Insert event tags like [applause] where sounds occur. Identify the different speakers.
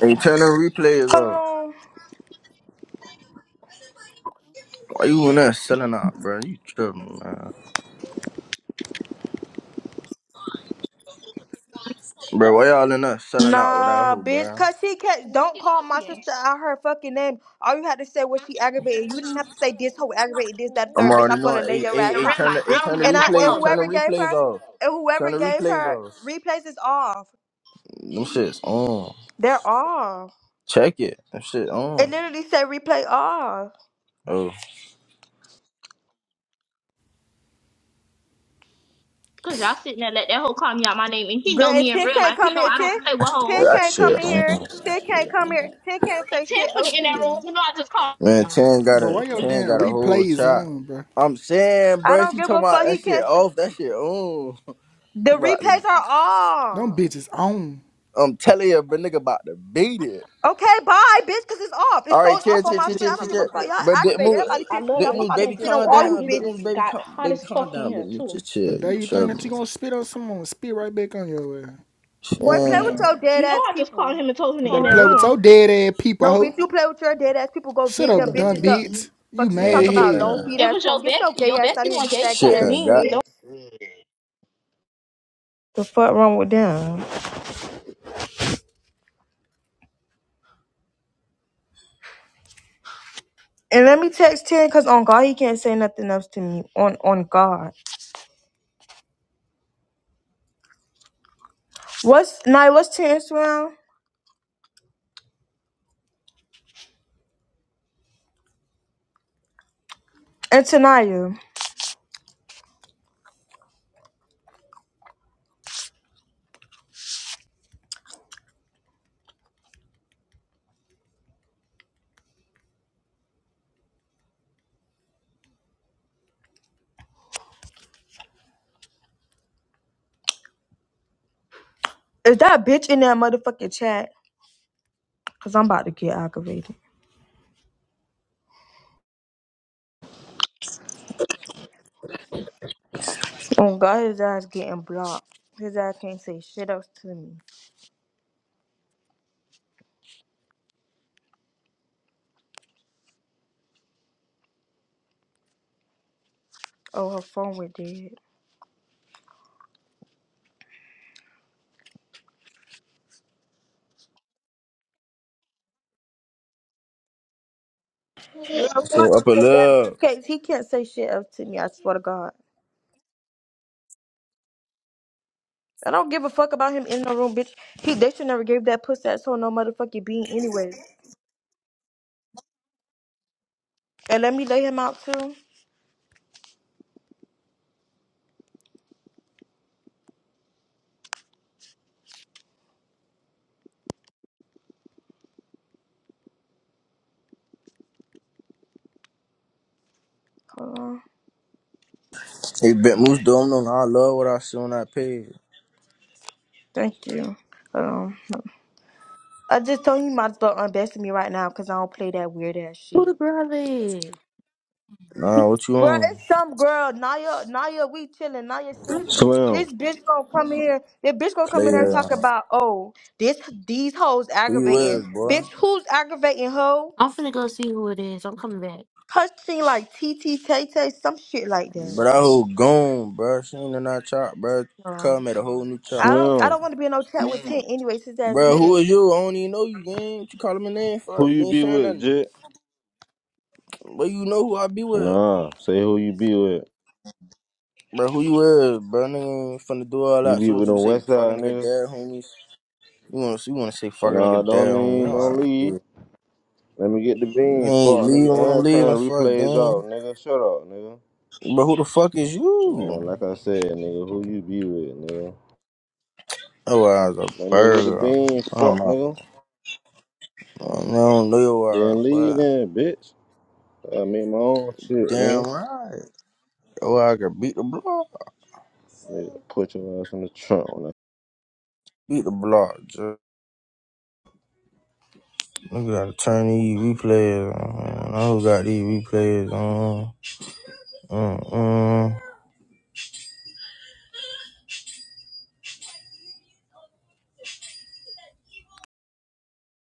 Speaker 1: Hey, turn the replays off.
Speaker 2: Hold on.
Speaker 1: Why you in there selling out, bro? You tripping, man. Bro,
Speaker 3: Duck.
Speaker 1: why y'all in there selling out with that
Speaker 2: Nah,
Speaker 1: hoe,
Speaker 2: bitch,
Speaker 1: bro?
Speaker 2: cause she
Speaker 3: In
Speaker 2: can't. Don't call my sister out her fucking name. All you had to say was she aggravated. You didn't have to say this whole aggravated, this, that,
Speaker 1: I'm
Speaker 2: third, bitch.
Speaker 1: already
Speaker 2: I'm gonna
Speaker 1: knowing.
Speaker 2: lay
Speaker 1: Hey,
Speaker 2: your
Speaker 1: hey,
Speaker 2: ass
Speaker 1: hey,
Speaker 2: out,
Speaker 3: real
Speaker 1: turn the,
Speaker 3: life,
Speaker 1: hey,
Speaker 3: I
Speaker 2: bitch.
Speaker 3: don't
Speaker 1: turn the
Speaker 3: even
Speaker 2: And I
Speaker 3: play with
Speaker 2: and
Speaker 1: replay,
Speaker 3: hoes.
Speaker 1: turn the
Speaker 2: whoever gave her,
Speaker 1: replays off.
Speaker 2: and
Speaker 1: Turn
Speaker 2: whoever
Speaker 1: the
Speaker 2: gave
Speaker 1: replays
Speaker 2: her
Speaker 1: off.
Speaker 2: replays is off.
Speaker 1: Them shit's on.
Speaker 2: They're off.
Speaker 1: Check it. Them shit
Speaker 2: It
Speaker 1: on.
Speaker 2: literally said replay off.
Speaker 1: Oh,
Speaker 3: Cause y'all sitting there let that hoe call me out my name, and he
Speaker 2: But
Speaker 3: know
Speaker 2: and
Speaker 3: me in
Speaker 2: ten
Speaker 3: real
Speaker 2: can't
Speaker 3: life. He
Speaker 2: come
Speaker 3: know
Speaker 2: in.
Speaker 3: I
Speaker 2: Ten,
Speaker 3: don't play with
Speaker 2: 10,
Speaker 3: hoes.
Speaker 1: that
Speaker 2: can not come
Speaker 1: shit
Speaker 2: in here.
Speaker 1: on.
Speaker 2: Ten can't come here. Ten can't
Speaker 3: Like
Speaker 2: say shit else
Speaker 3: Tiffany in
Speaker 2: to
Speaker 3: that
Speaker 2: me.
Speaker 3: room, you know I just called.
Speaker 1: Man, 10 got
Speaker 4: Bro,
Speaker 1: a,
Speaker 4: why your
Speaker 1: 10
Speaker 4: damn
Speaker 1: got a whole
Speaker 4: replays
Speaker 1: chop.
Speaker 4: on, bro?
Speaker 1: I'm saying,
Speaker 2: I
Speaker 1: bro,
Speaker 2: don't
Speaker 1: she
Speaker 2: give
Speaker 1: talking
Speaker 2: a
Speaker 1: about
Speaker 2: fuck.
Speaker 1: that
Speaker 2: He
Speaker 1: shit
Speaker 2: can't. Say,
Speaker 1: off. That shit on. [laughs]
Speaker 2: the
Speaker 1: About to,
Speaker 2: replays are
Speaker 4: Them
Speaker 2: off.
Speaker 4: bitches on.
Speaker 1: I'm telling you, but nigga about to beat it.
Speaker 2: Okay, bye, bitch, because it's off. It
Speaker 1: All right,
Speaker 2: shows off
Speaker 1: chill,
Speaker 2: on
Speaker 1: chill,
Speaker 2: my
Speaker 1: chill,
Speaker 2: screen.
Speaker 1: chill,
Speaker 2: I
Speaker 1: chill,
Speaker 2: don't give a
Speaker 1: chill.
Speaker 2: fuck. Y'all
Speaker 1: But Big
Speaker 2: activate.
Speaker 1: Moose,
Speaker 2: Everybody
Speaker 3: I
Speaker 2: Damn. pissed
Speaker 3: love
Speaker 2: me
Speaker 3: the
Speaker 1: Big
Speaker 2: off.
Speaker 3: way
Speaker 2: I'm
Speaker 1: Moose,
Speaker 2: about to
Speaker 1: baby,
Speaker 3: Ken
Speaker 2: spit
Speaker 3: just
Speaker 2: on
Speaker 1: calm
Speaker 2: all
Speaker 3: tried
Speaker 2: you
Speaker 3: me.
Speaker 1: down.
Speaker 3: It
Speaker 1: Big
Speaker 3: just
Speaker 1: Moose,
Speaker 2: bitches.
Speaker 1: baby,
Speaker 3: got
Speaker 1: calm,
Speaker 3: hot
Speaker 1: baby,
Speaker 3: as
Speaker 1: calm
Speaker 3: fuck in
Speaker 1: down. Big
Speaker 3: here
Speaker 1: Moose,
Speaker 3: too.
Speaker 1: just
Speaker 4: The
Speaker 1: chill.
Speaker 4: day
Speaker 1: You
Speaker 4: you
Speaker 3: Put my,
Speaker 4: think that you
Speaker 1: tripping?
Speaker 4: gonna spit on someone, spit right back on your ass.
Speaker 2: Boy, play
Speaker 1: Man,
Speaker 2: with your dead
Speaker 3: you know,
Speaker 2: ass
Speaker 3: I just called
Speaker 2: people,
Speaker 3: him and told him to
Speaker 4: You
Speaker 3: in
Speaker 4: better
Speaker 2: punk.
Speaker 3: that
Speaker 4: play with
Speaker 3: room.
Speaker 4: your dead ass people,
Speaker 2: No,
Speaker 4: hoe.
Speaker 2: bitch, you play with your dead ass people. Go
Speaker 4: Shut
Speaker 2: get them
Speaker 4: up, dumb
Speaker 2: bitches up.
Speaker 4: bitch. You
Speaker 2: Fuck you
Speaker 4: mad
Speaker 1: man,
Speaker 2: talk
Speaker 4: at
Speaker 1: shit
Speaker 2: about
Speaker 4: here.
Speaker 2: long
Speaker 1: done,
Speaker 2: feet
Speaker 3: It
Speaker 2: ass
Speaker 3: was your
Speaker 2: punk. Get your
Speaker 3: bestie.
Speaker 2: gay
Speaker 3: Your
Speaker 2: ass out
Speaker 3: bestie
Speaker 2: of here,
Speaker 3: one
Speaker 2: you
Speaker 3: gave her
Speaker 1: shit
Speaker 2: faggot
Speaker 3: the
Speaker 1: done.
Speaker 2: ass
Speaker 1: Got
Speaker 3: bean.
Speaker 2: bitch. The fuck wrong with them? And let me text ten, cause on God he can't say nothing else to me. On on God. What's Naya? What's ten Instagram? And Tanaya, is that bitch in that motherfucking chat? Cause I'm about to get aggravated. Oh God, his ass getting blocked. His ass can't say shit else to me. Oh, her phone went dead. Girl, fuck
Speaker 1: so up a
Speaker 2: yeah, that
Speaker 1: love.
Speaker 2: bitch case. He can't say shit else to me. I swear to God. I don't give a fuck about him in the room, bitch. He they should never gave that pussy asshole no motherfucking bean anyway. And let me lay him out too. Hold on.
Speaker 1: Hey, Big Moose, don't know. I love what I see when I pay.
Speaker 2: Thank you. Hold on. I just told him he might as well unbest me right now because I don't play that weird ass
Speaker 5: Who
Speaker 2: shit.
Speaker 5: the brother? is?
Speaker 1: Nah, what you
Speaker 2: Bro,
Speaker 1: on?
Speaker 2: it's some girl, Naya, Naya, we chilling, Naya singing.
Speaker 6: Slim,
Speaker 2: This bitch gonna come here, this bitch gonna come in there and
Speaker 1: Player,
Speaker 2: talk about, oh, this these hoes
Speaker 1: three
Speaker 2: aggravating.
Speaker 1: words, boy.
Speaker 2: Bitch, who's aggravating hoe?
Speaker 5: I'm finna go see who it is. I'm coming back.
Speaker 2: Her like T T Tay Tay, some shit like that.
Speaker 1: But I whole gone, bro. She ain't in that chop, bro.
Speaker 5: y'all.
Speaker 1: Come at a whole new chop.
Speaker 2: I don't I
Speaker 6: Slim,
Speaker 2: don't wanna be in no chat with Tint anyway, since that's
Speaker 1: Bro,
Speaker 2: weird.
Speaker 1: who is you? I don't even know you, gang. What you calling my name for?
Speaker 6: who
Speaker 1: You
Speaker 6: you
Speaker 1: ain't
Speaker 6: be
Speaker 1: saying
Speaker 6: with,
Speaker 1: nothing.
Speaker 6: Jit?
Speaker 1: But you know who I be with.
Speaker 6: Nah, say who you be with.
Speaker 1: Bro, who you with, bro? Nigga ain't finna do all
Speaker 6: You
Speaker 1: that.
Speaker 6: be
Speaker 1: So
Speaker 6: with
Speaker 1: what you can
Speaker 6: them
Speaker 1: say,
Speaker 6: West Side
Speaker 1: fucking nigga
Speaker 6: niggas?
Speaker 1: dad homies? You wanna you wanna say fucking
Speaker 6: Nah,
Speaker 1: nigga
Speaker 6: don't
Speaker 1: dad homie?
Speaker 6: leave,
Speaker 1: All
Speaker 6: don't
Speaker 1: right,
Speaker 6: leave.
Speaker 1: cool.
Speaker 6: Let me get the
Speaker 1: You
Speaker 6: beans,
Speaker 1: ain't
Speaker 6: fuck
Speaker 1: leaving
Speaker 6: nigga.
Speaker 1: when I'm
Speaker 6: Every time
Speaker 1: leaving,
Speaker 6: the
Speaker 1: fuck
Speaker 6: replays out,
Speaker 1: gang.
Speaker 6: nigga, shut up, nigga.
Speaker 1: Bro, who the fuck is you?
Speaker 6: Man, like I said, nigga, who you be with, nigga?
Speaker 1: Oh, I was a
Speaker 6: Let me get the
Speaker 1: burger.
Speaker 6: beans,
Speaker 1: Oh
Speaker 6: fuck
Speaker 1: my,
Speaker 6: nigga.
Speaker 1: I don't know your ass,
Speaker 6: Then leave
Speaker 1: but
Speaker 6: then, bitch. I make my own shit,
Speaker 1: damn
Speaker 6: nigga.
Speaker 1: right. Oh, I could beat the block,
Speaker 6: Nigga, put your ass in the trunk when
Speaker 1: beat the block. Just. We gotta turn these replays on. Man. I don't got these replays on. Uh. Uh.